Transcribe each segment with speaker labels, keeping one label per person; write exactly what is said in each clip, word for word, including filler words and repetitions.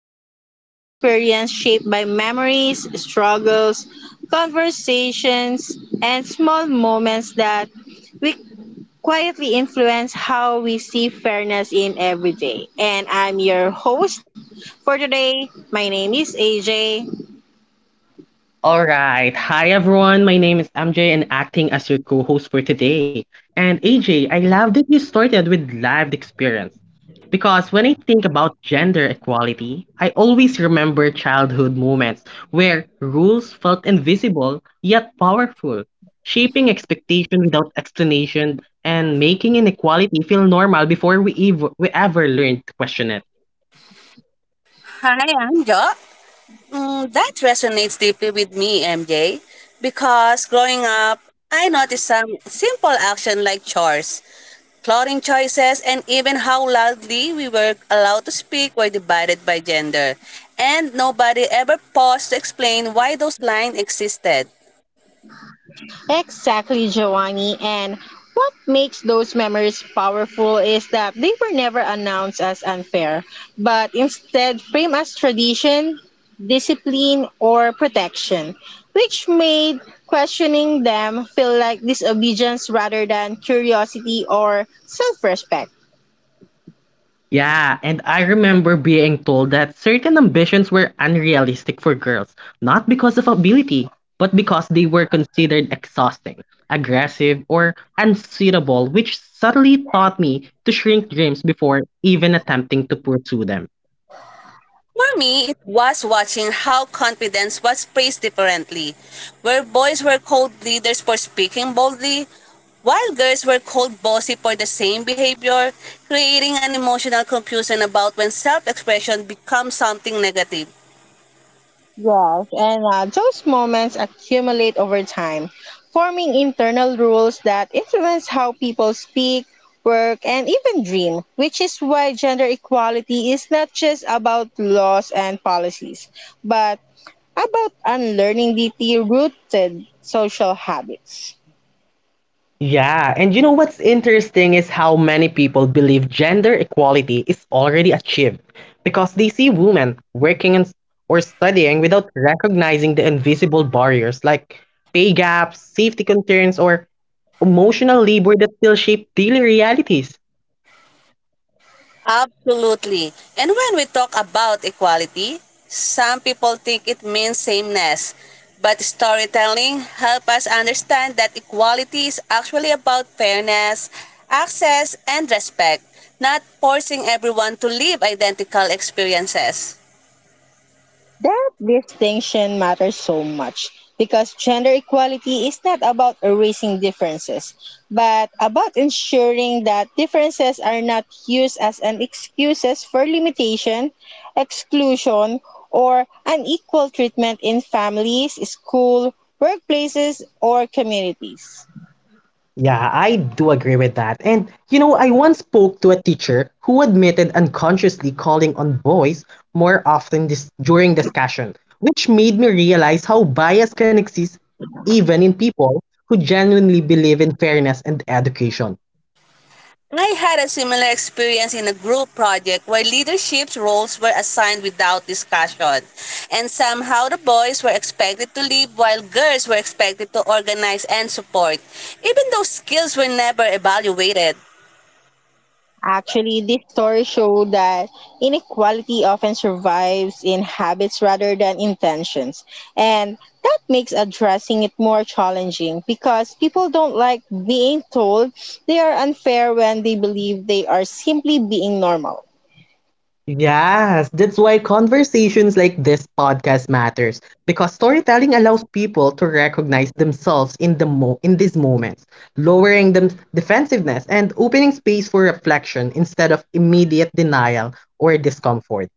Speaker 1: lived experience shaped by memories, struggles, conversations, and small moments that we quietly influence how we see fairness in everyday. And I'm your host for today. My name is A J.
Speaker 2: All right. Hi, everyone. My name is M J and acting as your co host for today. And A J, I love that you started with lived experience because when I think about gender equality, I always remember childhood moments where rules felt invisible yet powerful, shaping expectation without explanation and making inequality feel normal before we, ev- we ever learned to question it.
Speaker 3: Hi, Anja. Mm, that resonates deeply with me, M J, because growing up, I noticed some simple action like chores, clothing choices, and even how loudly we were allowed to speak were divided by gender. And nobody ever paused to explain why those lines existed.
Speaker 1: Exactly, Giovanni. And what makes those memories powerful is that they were never announced as unfair, but instead framed as tradition, discipline, or protection, which made questioning them feel like disobedience rather than curiosity or self respect.
Speaker 2: Yeah, and I remember being told that certain ambitions were unrealistic for girls, not because of ability, but because they were considered exhausting, aggressive, or unsuitable, which subtly taught me to shrink dreams before even attempting to pursue them.
Speaker 3: For me, it was watching how confidence was praised differently, where boys were called leaders for speaking boldly, while girls were called bossy for the same behavior, creating an emotional confusion about when self expression becomes something negative.
Speaker 1: Yes, and uh, those moments accumulate over time, forming internal rules that influence how people speak, work, and even dream, which is why gender equality is not just about laws and policies, but about unlearning deeply rooted social habits.
Speaker 2: Yeah, and you know what's interesting is how many people believe gender equality is already achieved because they see women working and, or studying without recognizing the invisible barriers like pay gaps, safety concerns, or emotional labor that still shape daily realities.
Speaker 3: Absolutely. And when we talk about equality, some people think it means sameness. But storytelling help us understand that equality is actually about fairness, access, and respect, not forcing everyone to live identical experiences.
Speaker 1: That distinction matters so much because gender equality is not about erasing differences, but about ensuring that differences are not used as an excuses for limitation, exclusion, or unequal treatment in families, school, workplaces, or communities.
Speaker 2: Yeah, I do agree with that. And you know, I once spoke to a teacher who admitted unconsciously calling on boys more often dis- during discussion, which made me realize how bias can exist even in people who genuinely believe in fairness and education.
Speaker 3: I had a similar experience in a group project where leadership roles were assigned without discussion. And somehow the boys were expected to lead while girls were expected to organize and support, even though skills were never evaluated.
Speaker 1: Actually, this story showed that inequality often survives in habits rather than intentions. And that makes addressing it more challenging because people don't like being told they are unfair when they believe they are simply being normal.
Speaker 2: Yes, that's why conversations like this podcast matters because storytelling allows people to recognize themselves in the mo- in these moments, lowering them defensiveness and opening space for reflection instead of immediate denial or discomfort.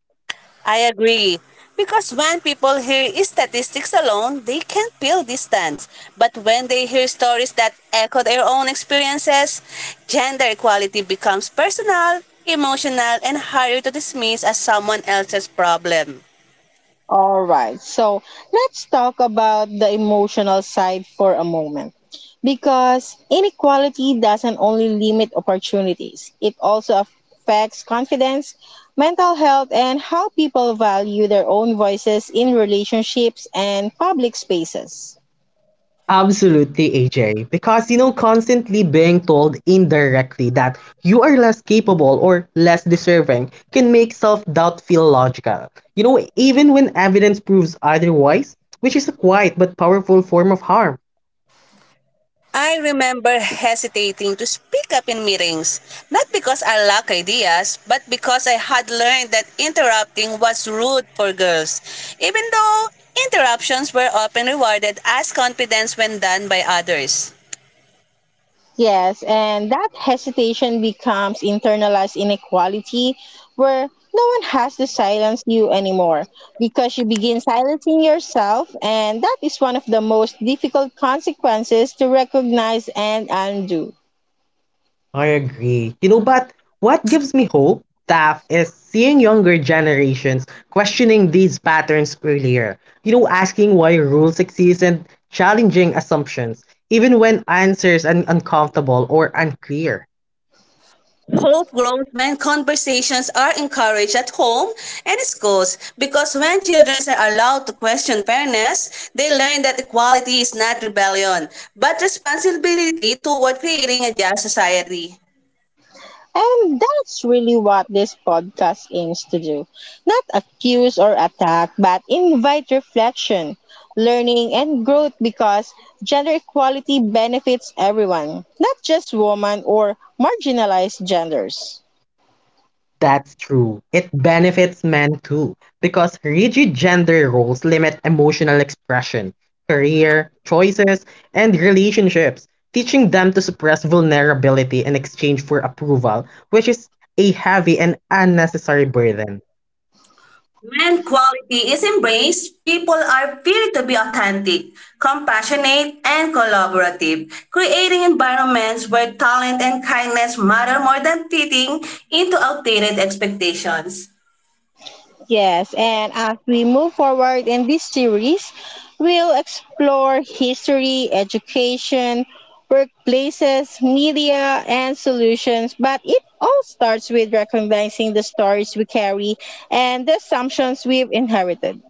Speaker 3: I agree. Because when people hear statistics alone, they can feel distance. But when they hear stories that echo their own experiences, gender equality becomes personal, emotional, and harder to dismiss as someone else's problem.
Speaker 1: All right. So let's talk about the emotional side for a moment. Because inequality doesn't only limit opportunities, it also affects confidence, mental health, and how people value their own voices in relationships and public spaces.
Speaker 2: Absolutely, A J. Because, you know, constantly being told indirectly that you are less capable or less deserving can make self doubt feel logical. You know, even when evidence proves otherwise, which is a quiet but powerful form of harm.
Speaker 3: I remember hesitating to speak up in meetings, not because I lack ideas, but because I had learned that interrupting was rude for girls, even though interruptions were often rewarded as confidence when done by others.
Speaker 1: Yes, and that hesitation becomes internalized inequality where no one has to silence you anymore because you begin silencing yourself, and that is one of the most difficult consequences to recognize and undo.
Speaker 2: I agree. You know, but what gives me hope, Taf, is seeing younger generations questioning these patterns earlier. You know, asking why rules exist and challenging assumptions, even when answers are uncomfortable or unclear.
Speaker 3: Hope grows when conversations are encouraged at home and schools because when children are allowed to question fairness, they learn that equality is not rebellion, but responsibility toward creating a just society.
Speaker 1: And that's really what this podcast aims to do. Not accuse or attack, but invite reflection, learning, and growth because gender equality benefits everyone, not just women or marginalized genders.
Speaker 2: That's true. It benefits men too, because rigid gender roles limit emotional expression, career choices, and relationships, teaching them to suppress vulnerability in exchange for approval, which is a heavy and unnecessary burden.
Speaker 3: When quality is embraced, people are free to be authentic, compassionate, and collaborative, creating environments where talent and kindness matter more than fitting into outdated expectations.
Speaker 1: Yes, and as we move forward in this series, we'll explore history, education, workplaces, media, and solutions. But it all starts with recognizing the stories we carry and the assumptions we've inherited.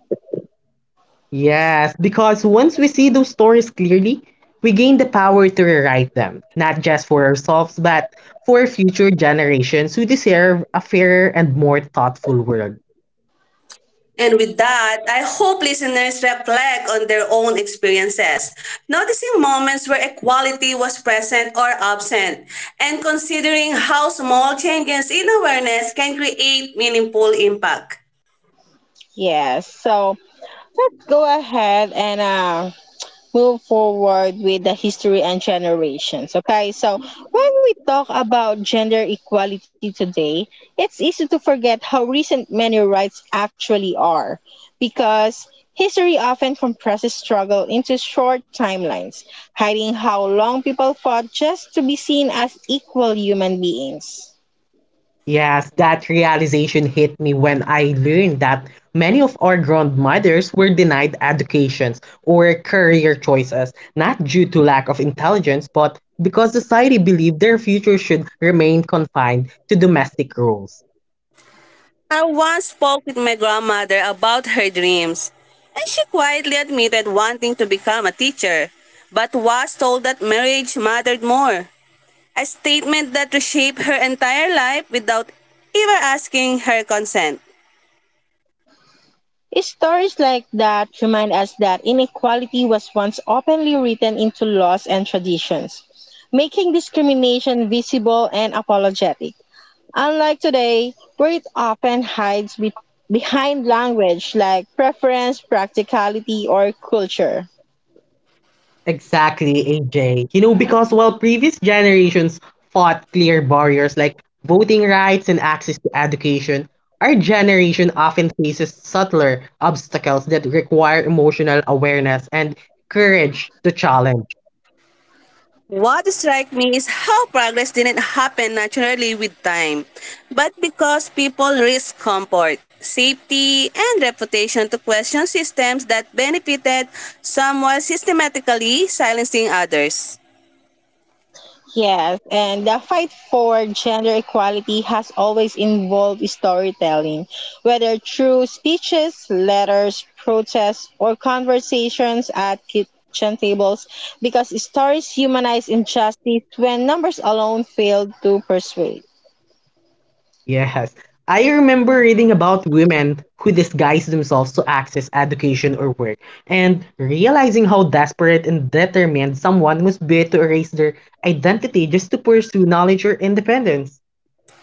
Speaker 2: Yes, because once we see those stories clearly, we gain the power to rewrite them, not just for ourselves, but for future generations who deserve a fairer and more thoughtful world.
Speaker 3: And with that, I hope listeners reflect on their own experiences, noticing moments where equality was present or absent, and considering how small changes in awareness can create meaningful impact.
Speaker 1: Yes, so let's go ahead and uh, move forward with the history and generations. Okay, so when we talk about gender equality today, it's easy to forget how recent many rights actually are because history often compresses struggle into short timelines, hiding how long people fought just to be seen as equal human beings.
Speaker 2: Yes, that realization hit me when I learned that many of our grandmothers were denied educations or career choices, not due to lack of intelligence, but because society believed their future should remain confined to domestic roles.
Speaker 3: I once spoke with my grandmother about her dreams, and she quietly admitted wanting to become a teacher, but was told that marriage mattered more. A statement that reshaped her entire life without ever asking her consent.
Speaker 1: Stories like that remind us that inequality was once openly written into laws and traditions, making discrimination visible and apologetic. Unlike today, where it often hides be- behind language like preference, practicality, or culture.
Speaker 2: Exactly, A J. You know, because while previous generations fought clear barriers like voting rights and access to education, our generation often faces subtler obstacles that require emotional awareness and courage to challenge.
Speaker 3: What strikes me is how progress didn't happen naturally with time, but because people risk comfort, safety, and reputation to question systems that benefited some while systematically silencing others.
Speaker 1: Yes, and the fight for gender equality has always involved storytelling, whether through speeches, letters, protests, or conversations at kitchen tables, because stories humanize injustice when numbers alone fail to persuade.
Speaker 2: Yes. I remember reading about women who disguised themselves to access education or work, and realizing how desperate and determined someone must be to erase their identity just to pursue knowledge or independence.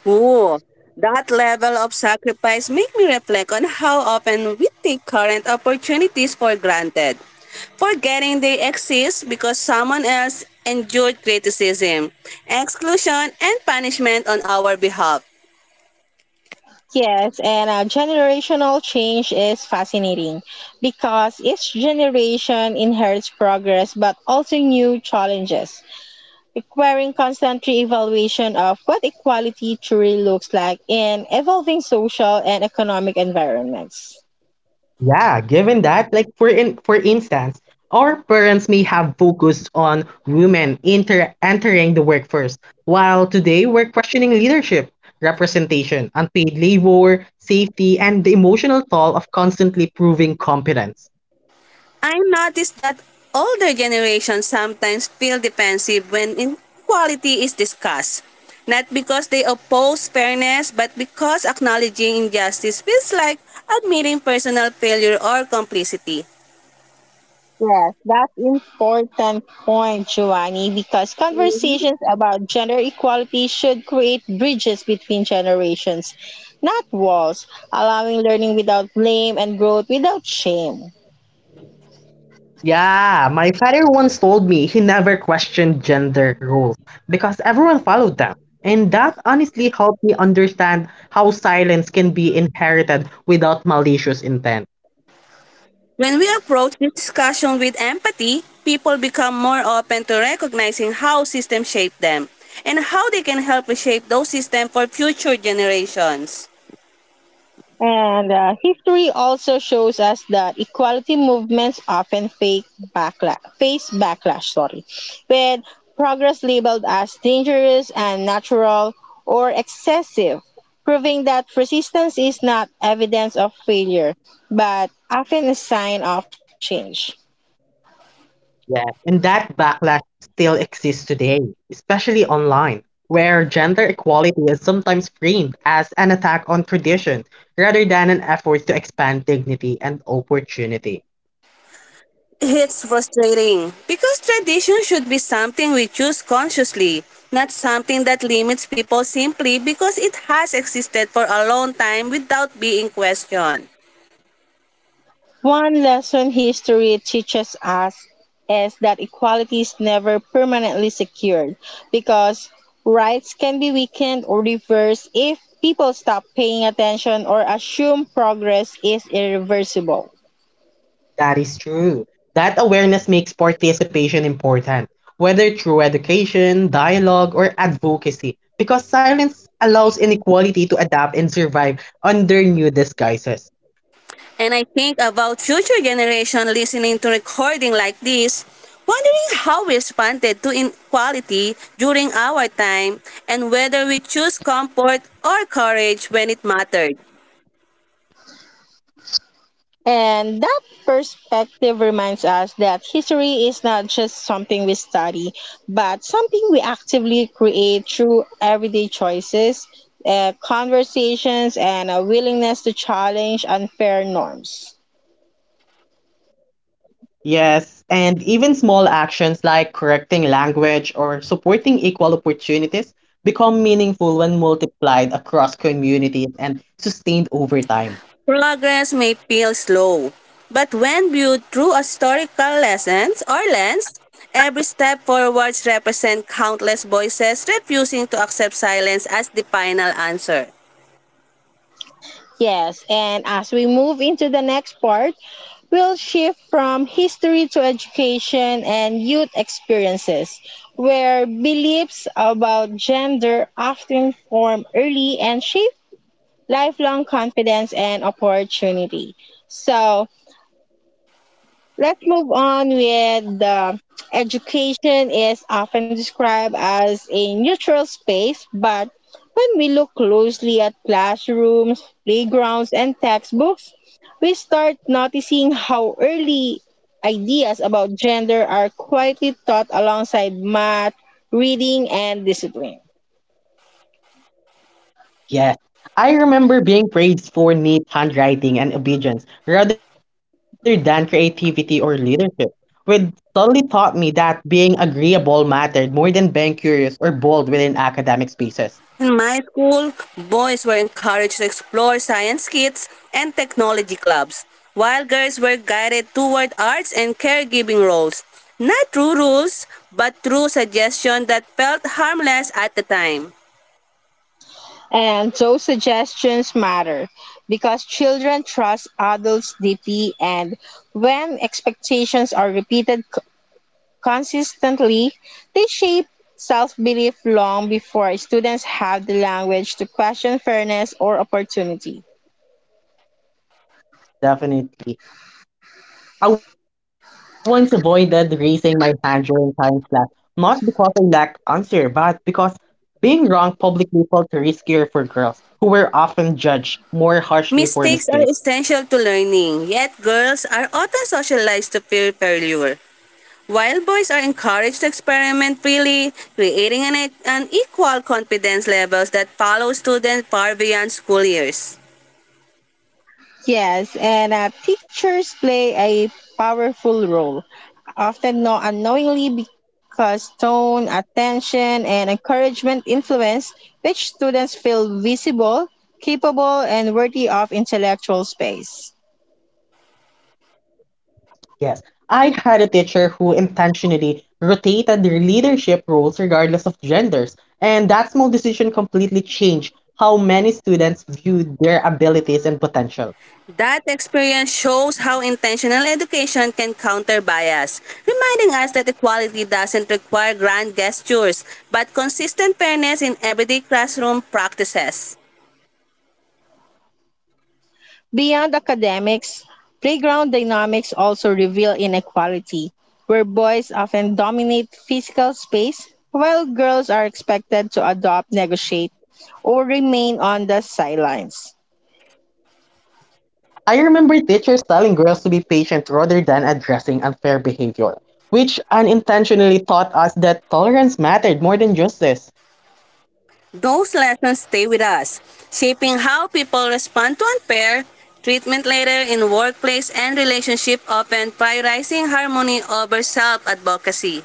Speaker 3: Ooh, that level of sacrifice make me reflect on how often we take current opportunities for granted, forgetting they exist because someone else endured criticism, exclusion, and punishment on our behalf.
Speaker 1: Yes, and uh, generational change is fascinating because each generation inherits progress but also new challenges, requiring constant re-evaluation of what equality truly looks like in evolving social and economic environments.
Speaker 2: Yeah, given that, like for in for instance, our parents may have focused on women inter entering the workforce, while today we're questioning leadership, representation, unpaid labor, safety, and the emotional toll of constantly proving competence.
Speaker 3: I noticed that older generations sometimes feel defensive when inequality is discussed, not because they oppose fairness, but because acknowledging injustice feels like admitting personal failure or complicity.
Speaker 1: Yes, that's important point, Giovanni, because conversations about gender equality should create bridges between generations, not walls, allowing learning without blame and growth without shame.
Speaker 2: Yeah, my father once told me he never questioned gender roles because everyone followed them. And that honestly helped me understand how silence can be inherited without malicious intent.
Speaker 3: When we approach this discussion with empathy, people become more open to recognizing how systems shape them and how they can help reshape those systems for future generations.
Speaker 1: And uh, history also shows us that equality movements often fake backlash, face backlash, sorry, with progress labeled as dangerous and natural or excessive, proving that resistance is not evidence of failure, but often a sign of change.
Speaker 2: Yeah, and that backlash still exists today, especially online, where gender equality is sometimes framed as an attack on tradition rather than an effort to expand dignity and opportunity.
Speaker 3: It's frustrating because tradition should be something we choose consciously, not something that limits people simply because it has existed for a long time without being questioned.
Speaker 1: One lesson history teaches us is that equality is never permanently secured because rights can be weakened or reversed if people stop paying attention or assume progress is irreversible.
Speaker 2: That is true. That awareness makes participation important, whether through education, dialogue, or advocacy, because silence allows inequality to adapt and survive under new disguises.
Speaker 3: And I think about future generation listening to recording like this, wondering how we responded to inequality during our time and whether we choose comfort or courage when it mattered.
Speaker 1: And that perspective reminds us that history is not just something we study, but something we actively create through everyday choices, uh, conversations, and a willingness to challenge unfair norms.
Speaker 2: Yes, and even small actions like correcting language or supporting equal opportunities become meaningful when multiplied across communities and sustained over time.
Speaker 3: Progress may feel slow, but when viewed through a historical lessons or lens, every step forwards represent countless voices refusing to accept silence as the final answer.
Speaker 1: Yes, and as we move into the next part, we will shift from history to education and youth experiences, where beliefs about gender often form early and shape lifelong confidence and opportunity. So let's move on with the education is often described as a neutral space, but when we look closely at classrooms, playgrounds, and textbooks, we start noticing how early ideas about gender are quietly taught alongside math, reading, and discipline.
Speaker 2: Yes, I remember being praised for neat handwriting and obedience rather than creativity or leadership, which solely taught me that being agreeable mattered more than being curious or bold within academic spaces.
Speaker 3: In my school, boys were encouraged to explore science kits and technology clubs, while girls were guided toward arts and caregiving roles. Not through rules, but through suggestions that felt harmless at the time.
Speaker 1: And those suggestions matter because children trust adults deeply, and when expectations are repeated c- consistently, they shape self belief long before students have the language to question fairness or opportunity.
Speaker 2: Definitely. I once avoided raising my hand during science class, not because I lacked answer, but because being wrong publicly felt riskier for girls, who were often judged more harshly for mistakes.
Speaker 3: Mistakes are essential to learning, yet girls are often socialized to fear failure. While boys are encouraged to experiment freely, creating an, e- an equal confidence levels that follow students far beyond school years.
Speaker 1: Yes, and uh, teachers play a powerful role, often no unknowingly because tone, attention, and encouragement influence which students feel visible, capable, and worthy of intellectual space.
Speaker 2: Yes, I had a teacher who intentionally rotated their leadership roles regardless of genders, and that small decision completely changed how many students viewed their abilities and potential.
Speaker 3: That experience shows how intentional education can counter bias, reminding us that equality doesn't require grand gestures, but consistent fairness in everyday classroom practices.
Speaker 1: Beyond academics, playground dynamics also reveal inequality, where boys often dominate physical space while girls are expected to adopt, negotiate, or remain on the sidelines.
Speaker 2: I remember teachers telling girls to be patient rather than addressing unfair behavior, which unintentionally taught us that tolerance mattered more than justice.
Speaker 3: Those lessons stay with us, shaping how people respond to unfair treatment later in workplace and relationship, often prioritizing harmony over self-advocacy.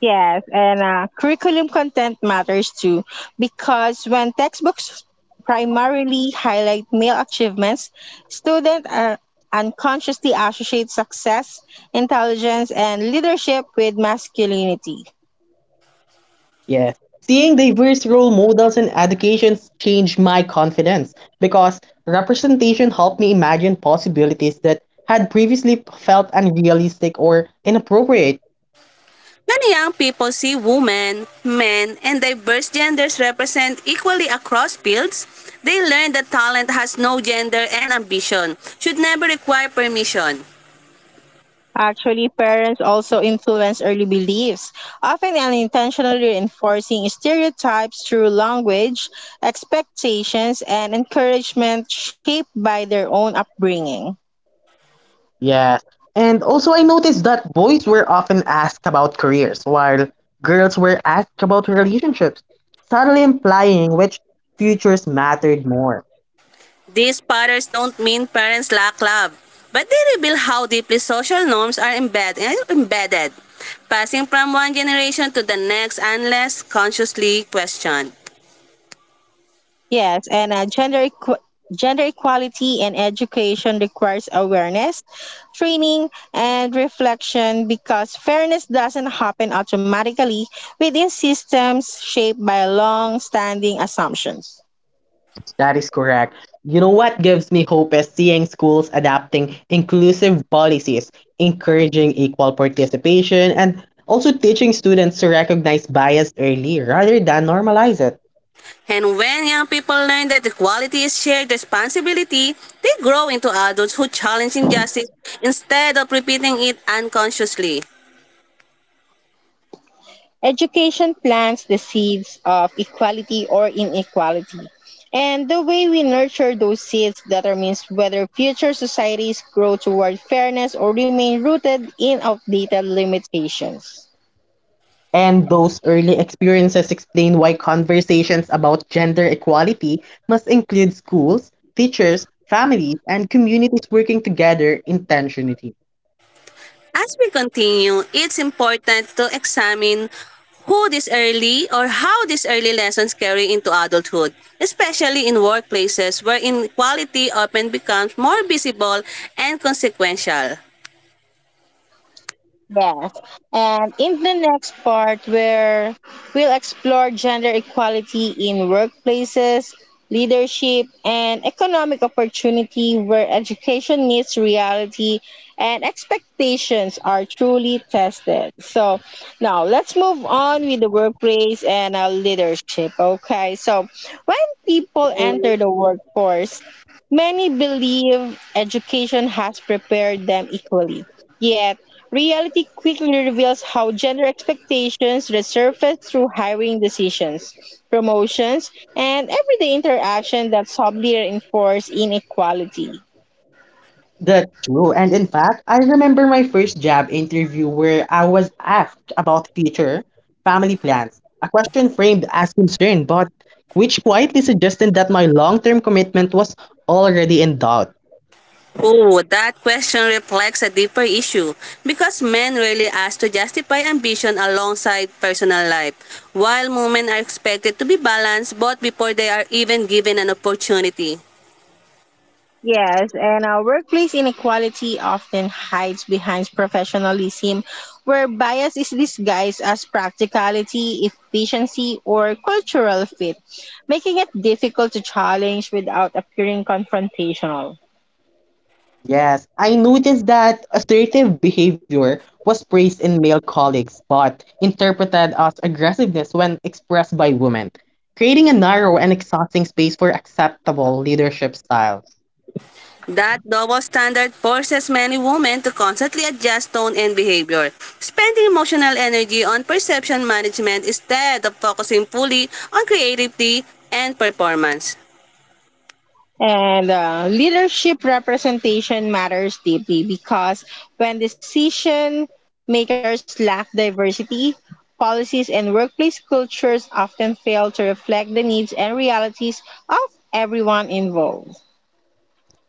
Speaker 1: Yes, and uh, curriculum content matters too because when textbooks primarily highlight male achievements, students are unconsciously associate success, intelligence, and leadership with masculinity.
Speaker 2: Yes. Seeing diverse role models in education changed my confidence because representation helped me imagine possibilities that had previously felt unrealistic or inappropriate.
Speaker 3: Many young people see women, men, and diverse genders represent equally across fields. They learn that talent has no gender and ambition should never require permission.
Speaker 1: Actually, parents also influence early beliefs, often unintentionally reinforcing stereotypes through language, expectations, and encouragement shaped by their own upbringing.
Speaker 2: Yes. And also, I noticed that boys were often asked about careers, while girls were asked about relationships, subtly implying which futures mattered more.
Speaker 3: These patterns don't mean parents lack love, but they reveal how deeply social norms are embedded, passing from one generation to the next unless consciously questioned.
Speaker 1: Yes, and uh, gender equ- gender equality and education requires awareness, training, and reflection because fairness doesn't happen automatically within systems shaped by long-standing assumptions.
Speaker 2: That is correct. You know what gives me hope is seeing schools adapting inclusive policies, encouraging equal participation, and also teaching students to recognize bias early rather than normalize it.
Speaker 3: And when young people learn that equality is shared responsibility, they grow into adults who challenge injustice instead of repeating it unconsciously.
Speaker 1: Education plants the seeds of equality or inequality. And the way we nurture those seeds determines whether future societies grow toward fairness or remain rooted in outdated limitations.
Speaker 2: And those early experiences explain why conversations about gender equality must include schools, teachers, families, and communities working together intentionally.
Speaker 3: As we continue, it's important to examine who these early or how these early lessons carry into adulthood, especially in workplaces where inequality often becomes more visible and consequential.
Speaker 1: Yes. And in the next part, where we'll explore gender equality in workplaces, leadership, and economic opportunity, where education meets reality and expectations are truly tested. So now let's move on with the workplace and our leadership. Okay. So when people enter the workforce, many believe education has prepared them equally. Yet, reality quickly reveals how gender expectations resurface through hiring decisions, promotions, and everyday interaction that subtly reinforce inequality.
Speaker 2: That's true. And in fact, I remember my first job interview where I was asked about future family plans, a question framed as concern, but which quietly suggested that my long term commitment was already in doubt.
Speaker 3: Oh, that question reflects a deeper issue because men rarely ask to justify ambition alongside personal life, while women are expected to be balanced both before they are even given an opportunity.
Speaker 1: Yes, and our workplace inequality often hides behind professionalism, where bias is disguised as practicality, efficiency, or cultural fit, making it difficult to challenge without appearing confrontational.
Speaker 2: Yes, I noticed that assertive behavior was praised in male colleagues, but interpreted as aggressiveness when expressed by women, creating a narrow and exhausting space for acceptable leadership styles.
Speaker 3: That double standard forces many women to constantly adjust tone and behavior, spending emotional energy on perception management instead of focusing fully on creativity and performance.
Speaker 1: And uh, leadership representation matters deeply because when decision makers lack diversity, policies and workplace cultures often fail to reflect the needs and realities of everyone involved.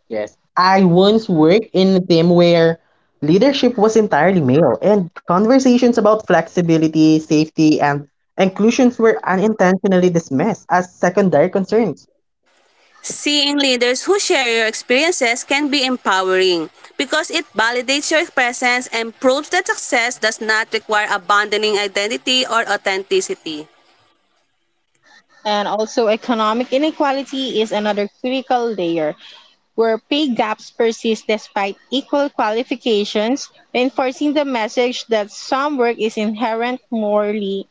Speaker 2: Yes, I once worked in a team where leadership was entirely male, and conversations about flexibility, safety, and inclusions were unintentionally dismissed as secondary concerns.
Speaker 3: Seeing leaders who share your experiences can be empowering because it validates your presence and proves that success does not require abandoning identity or authenticity.
Speaker 1: And also, economic inequality is another critical layer where pay gaps persist despite equal qualifications, reinforcing the message that some work is inherent morely,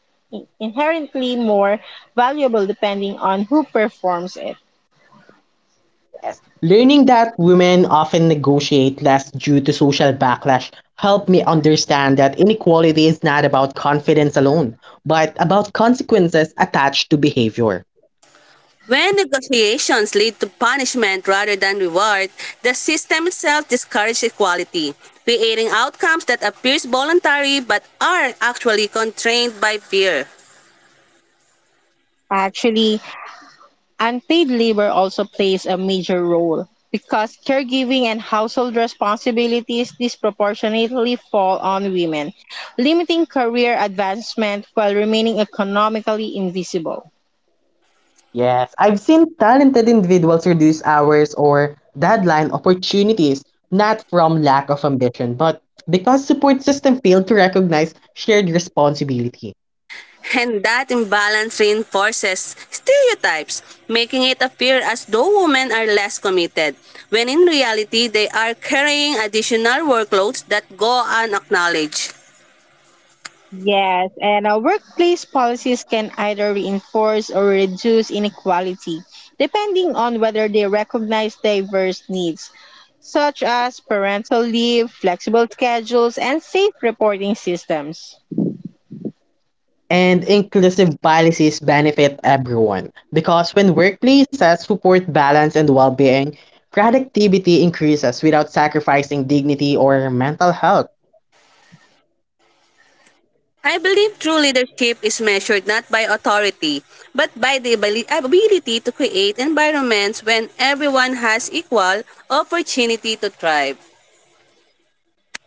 Speaker 1: inherently more valuable depending on who performs it.
Speaker 2: Yes. Learning that women often negotiate less due to social backlash helped me understand that inequality is not about confidence alone, but about consequences attached to behavior.
Speaker 3: When negotiations lead to punishment rather than reward, the system itself discourages equality, creating outcomes that appear voluntary but are actually constrained by fear.
Speaker 1: Actually, unpaid labor also plays a major role because caregiving and household responsibilities disproportionately fall on women, limiting career advancement while remaining economically invisible.
Speaker 2: Yes, I've seen talented individuals reduce hours or deadline opportunities not from lack of ambition, but because support system failed to recognize shared responsibility.
Speaker 3: And that imbalance reinforces stereotypes, making it appear as though women are less committed, when in reality, they are carrying additional workloads that go unacknowledged.
Speaker 1: Yes, and our workplace policies can either reinforce or reduce inequality, depending on whether they recognize diverse needs, such as parental leave, flexible schedules, and safe reporting systems.
Speaker 2: And inclusive policies benefit everyone because when workplaces support balance and well-being, productivity increases without sacrificing dignity or mental health.
Speaker 3: I believe true leadership is measured not by authority, but by the abili- ability to create environments when everyone has equal opportunity to thrive.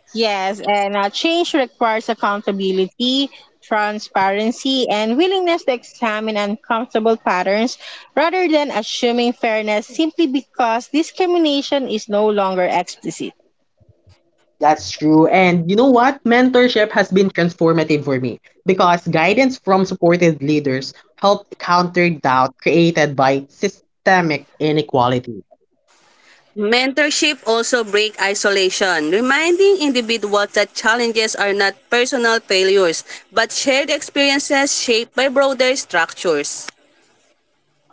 Speaker 1: Yes, and uh, change requires accountability, transparency, and willingness to examine uncomfortable patterns rather than assuming fairness simply because discrimination is no longer explicit.
Speaker 2: That's true. And you know what? Mentorship has been transformative for me because guidance from supported leaders helped counter doubt created by systemic inequality.
Speaker 3: Mentorship also break isolation, reminding individuals that challenges are not personal failures, but shared experiences shaped by broader structures.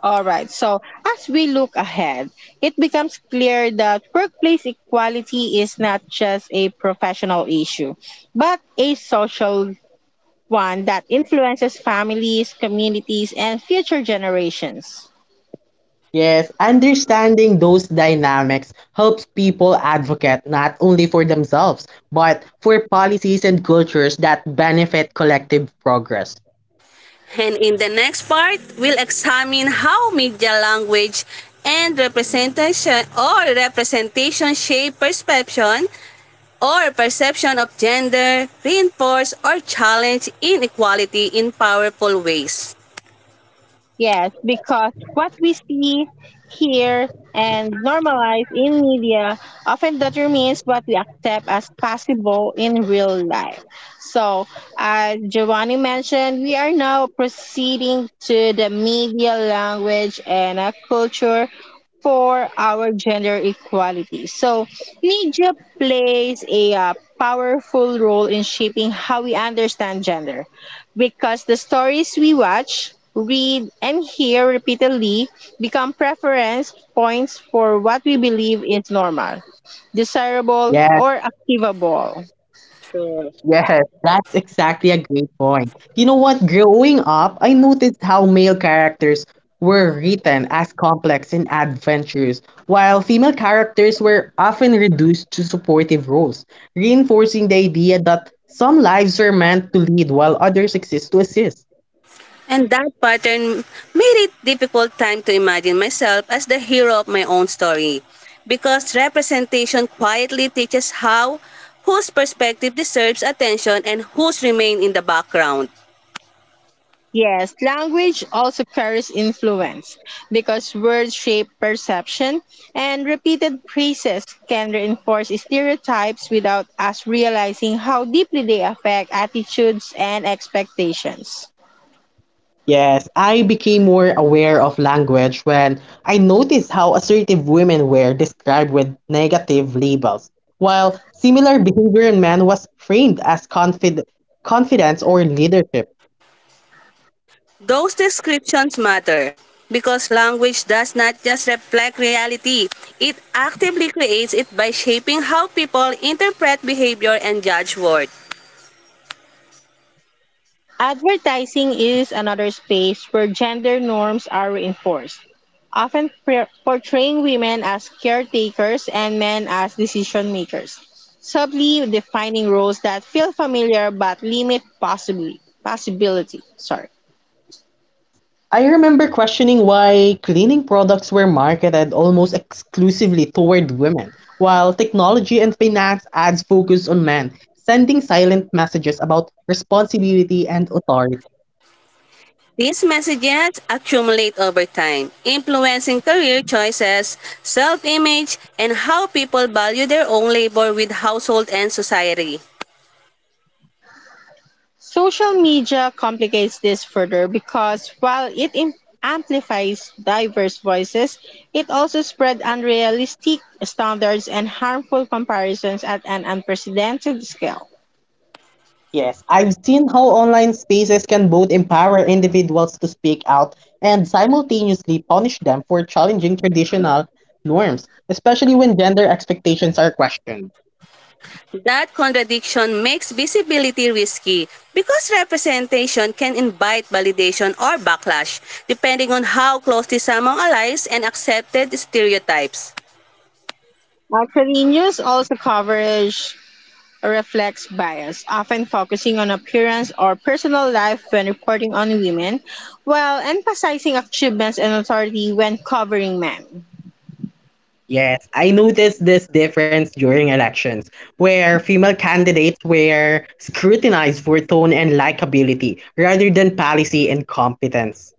Speaker 1: All right. So, as we look ahead, it becomes clear that workplace equality is not just a professional issue, but a social one that influences families, communities, and future generations.
Speaker 2: Yes, understanding those dynamics helps people advocate not only for themselves, but for policies and cultures that benefit collective progress.
Speaker 3: And in the next part, we'll examine how media language and representation or representation shape perception or perception of gender, reinforce or challenge inequality in powerful ways.
Speaker 1: Yes, because what we see, hear, and normalize in media often determines what we accept as possible in real life. So, as Giovanni mentioned, we are now proceeding to the media language and a culture for our gender equality. So, media plays a uh, powerful role in shaping how we understand gender because the stories we watch, read, and hear repeatedly become preference points for what we believe is normal, desirable,
Speaker 2: Yes,
Speaker 1: or achievable.
Speaker 2: yes, that's exactly a great point. You know what? Growing up, I noticed how male characters were written as complex and adventurous, while female characters were often reduced to supportive roles, reinforcing the idea that some lives are meant to lead while others exist to assist.
Speaker 3: And that pattern made it difficult time to imagine myself as the hero of my own story because representation quietly teaches how whose perspective deserves attention and whose remain in the background.
Speaker 1: Yes, language also carries influence because words shape perception and repeated phrases can reinforce stereotypes without us realizing how deeply they affect attitudes and expectations.
Speaker 2: Yes, I became more aware of language when I noticed how assertive women were described with negative labels, while similar behavior in men was framed as confid- confidence or leadership.
Speaker 3: Those descriptions matter because language does not just reflect reality, it actively creates it by shaping how people interpret behavior and judge worth.
Speaker 1: Advertising is another space where gender norms are reinforced, often pre- portraying women as caretakers and men as decision makers, subtly defining roles that feel familiar but limit possibly possibility. Sorry.
Speaker 2: I remember questioning why cleaning products were marketed almost exclusively toward women, while technology and finance ads focus on men, sending silent messages about responsibility and authority.
Speaker 3: These messages accumulate over time, influencing career choices, self image, and how people value their own labor with household and society.
Speaker 1: Social media complicates this further because while it im- amplifies diverse voices, it also spread unrealistic standards and harmful comparisons at an unprecedented scale.
Speaker 2: Yes, I've seen how online spaces can both empower individuals to speak out and simultaneously punish them for challenging traditional norms, especially when gender expectations are questioned.
Speaker 3: That contradiction makes visibility risky because representation can invite validation or backlash, depending on how closely someone allies and accepted stereotypes.
Speaker 1: Actually, news also coverage reflects bias, often focusing on appearance or personal life when reporting on women, while emphasizing achievements and authority when covering men.
Speaker 2: Yes, I noticed this difference during elections, where female candidates were scrutinized for tone and likability rather than policy and competence.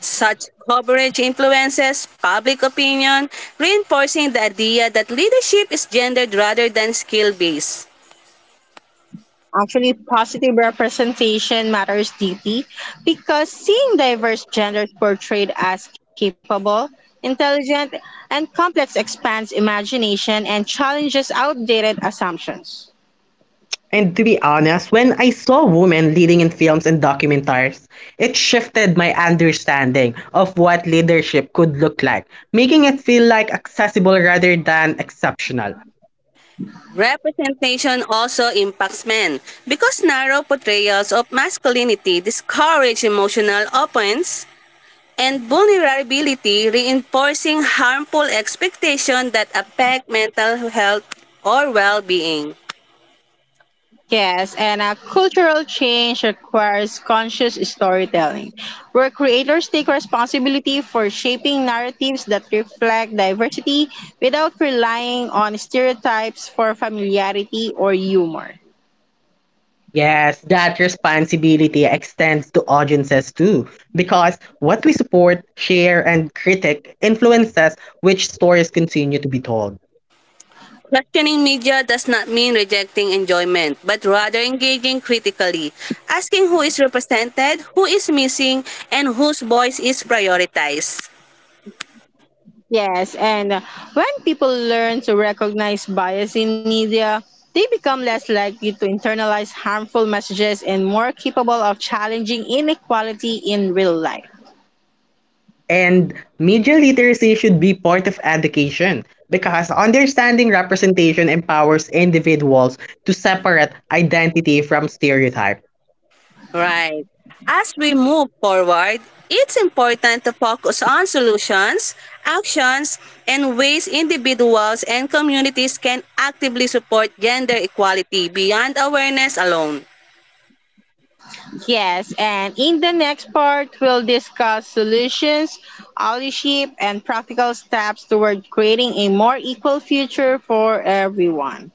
Speaker 3: Such coverage influences public opinion, reinforcing the idea that leadership is gendered rather than skill based.
Speaker 1: Actually, positive representation matters deeply because seeing diverse genders portrayed as capable, intelligent, and complex expands imagination and challenges outdated assumptions.
Speaker 2: And to be honest, when I saw women leading in films and documentaries, it shifted my understanding of what leadership could look like, making it feel like accessible rather than exceptional.
Speaker 3: Representation also impacts men because narrow portrayals of masculinity discourage emotional openness and vulnerability, reinforcing harmful expectations that affect mental health or well-being.
Speaker 1: Yes, and a cultural change requires conscious storytelling, where creators take responsibility for shaping narratives that reflect diversity without relying on stereotypes for familiarity or humor.
Speaker 2: Yes, that responsibility extends to audiences too, because what we support, share, and critic influences which stories continue to be told.
Speaker 3: Questioning media does not mean rejecting enjoyment, but rather engaging critically, asking who is represented, who is missing, and whose voice is prioritized.
Speaker 1: Yes, and when people learn to recognize bias in media, they become less likely to internalize harmful messages and more capable of challenging inequality in real life.
Speaker 2: And media literacy should be part of education because understanding representation empowers individuals to separate identity from stereotype.
Speaker 3: Right. As we move forward, it's important to focus on solutions, actions, and ways individuals and communities can actively support gender equality beyond awareness alone.
Speaker 1: Yes, and in the next part, we'll discuss solutions, allyship, and practical steps toward creating a more equal future for everyone.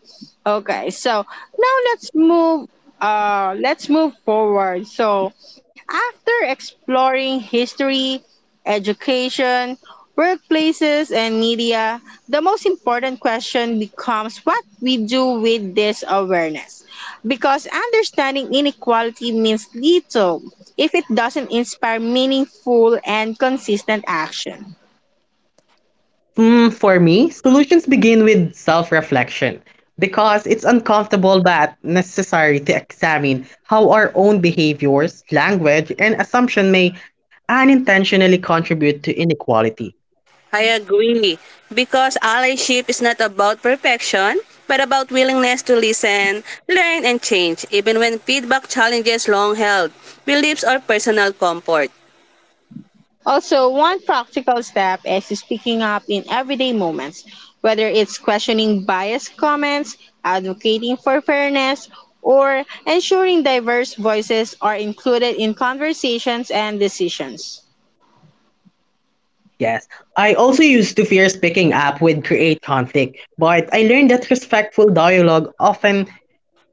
Speaker 1: Okay, so now let's move uh let's move forward. So after exploring history, education, workplaces and media, the most important question becomes what we do with this awareness. Because understanding inequality means little if it doesn't inspire meaningful and consistent action.
Speaker 2: Mm, for me, solutions begin with self reflection because it's uncomfortable but necessary to examine how our own behaviors, language, and assumption may unintentionally contribute to inequality.
Speaker 3: I agree, because allyship is not about perfection, but about willingness to listen, learn, and change, even when feedback challenges long held beliefs or personal comfort.
Speaker 1: Also, one practical step is speaking up in everyday moments, whether it's questioning biased comments, advocating for fairness, or ensuring diverse voices are included in conversations and decisions.
Speaker 2: Yes. I also used to fear speaking up would create conflict, but I learned that respectful dialogue often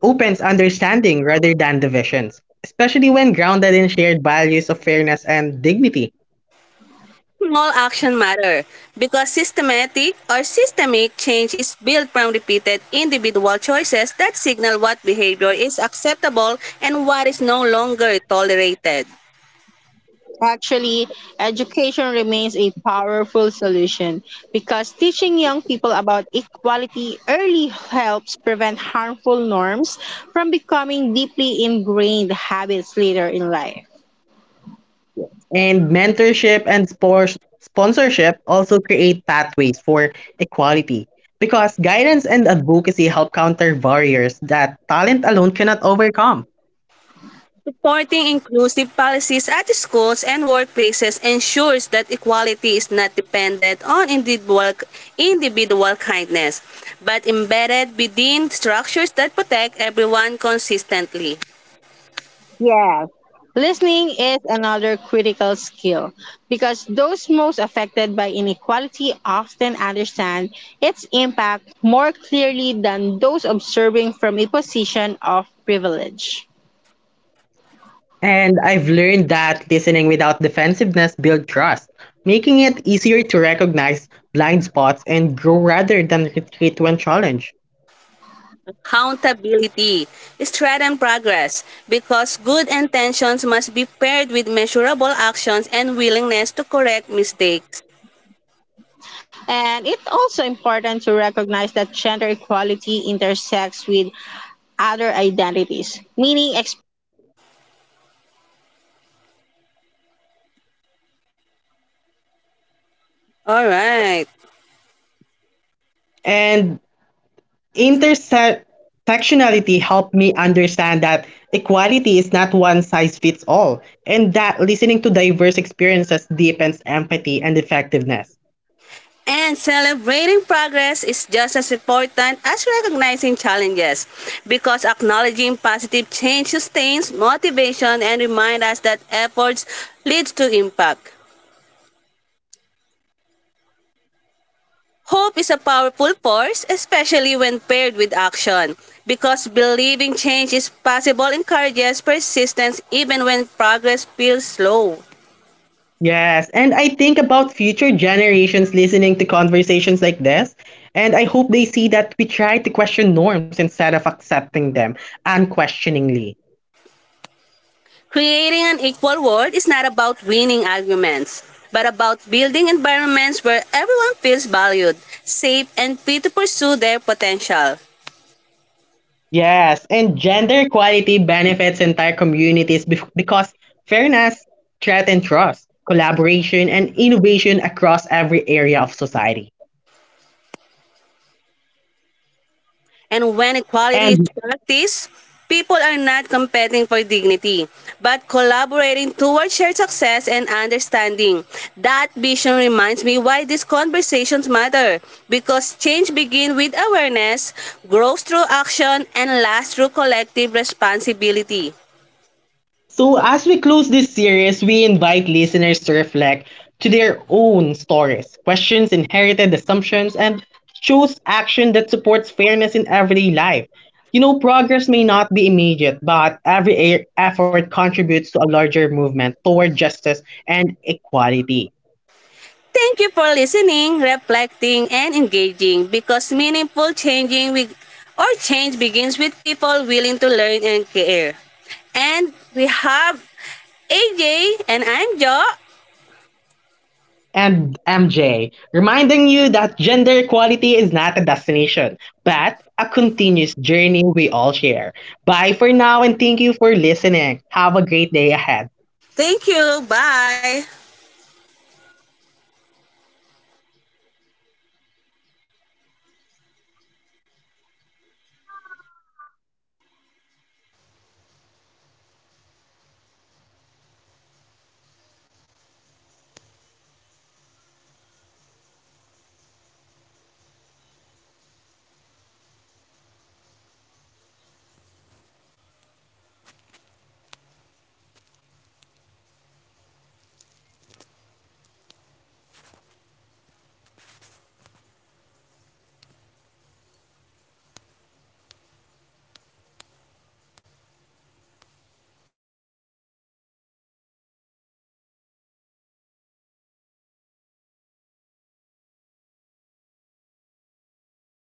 Speaker 2: opens understanding rather than divisions, especially when grounded in shared values of fairness and dignity.
Speaker 3: Small action matter because systematic or systemic change is built from repeated individual choices that signal what behavior is acceptable and what is no longer tolerated.
Speaker 1: Actually, education remains a powerful solution because teaching young people about equality early helps prevent harmful norms from becoming deeply ingrained habits later in life.
Speaker 2: And mentorship and spor- sponsorship also create pathways for equality because guidance and advocacy help counter barriers that talent alone cannot overcome.
Speaker 3: Supporting inclusive policies at schools and workplaces ensures that equality is not dependent on individual, individual kindness, but embedded within structures that protect everyone consistently.
Speaker 2: And I've learned that listening without defensiveness builds trust, making it easier to recognize blind spots and grow rather than retreat when challenged.
Speaker 3: Accountability is and progress because good intentions must be paired with measurable actions and willingness to correct mistakes. All right.
Speaker 2: And intersectionality helped me understand that equality is not one size fits all, and that listening to diverse experiences deepens empathy and effectiveness.
Speaker 3: And celebrating progress is just as important as recognizing challenges because acknowledging positive change sustains motivation and reminds us that efforts lead to impact. Hope is a powerful force, especially when paired with action, because believing change is possible encourages persistence even when progress feels slow.
Speaker 2: Yes, and I think about future generations listening to conversations like this, and I hope they see that we try to question norms instead of accepting them unquestioningly.
Speaker 3: Creating an equal world is not about winning arguments, but about building environments where everyone feels valued, safe, and free to pursue their potential.
Speaker 2: Yes, and gender equality benefits entire communities bef- because fairness threatens trust, collaboration, and innovation across every area of society.
Speaker 3: And when equality is
Speaker 2: And
Speaker 3: practiced, people are not competing for dignity, but collaborating towards shared success and understanding. That vision reminds me why these conversations matter, because change begins with awareness, grows through action, and lasts through collective responsibility.
Speaker 2: So, as we close this series, we invite listeners to reflect to their own stories, questions inherited assumptions, and choose action that supports fairness in everyday life. You know, progress may not be immediate, but every e- effort contributes to a larger movement toward justice and equality.
Speaker 3: Thank you for listening, reflecting, and engaging because meaningful changing with, or change begins with people willing to learn and care. And we have A J and I'm Jo.
Speaker 2: And M J, reminding you that gender equality is not a destination, but a continuous journey we all share. Bye for now and thank you for listening. Have a great day ahead.
Speaker 3: Thank you. Bye.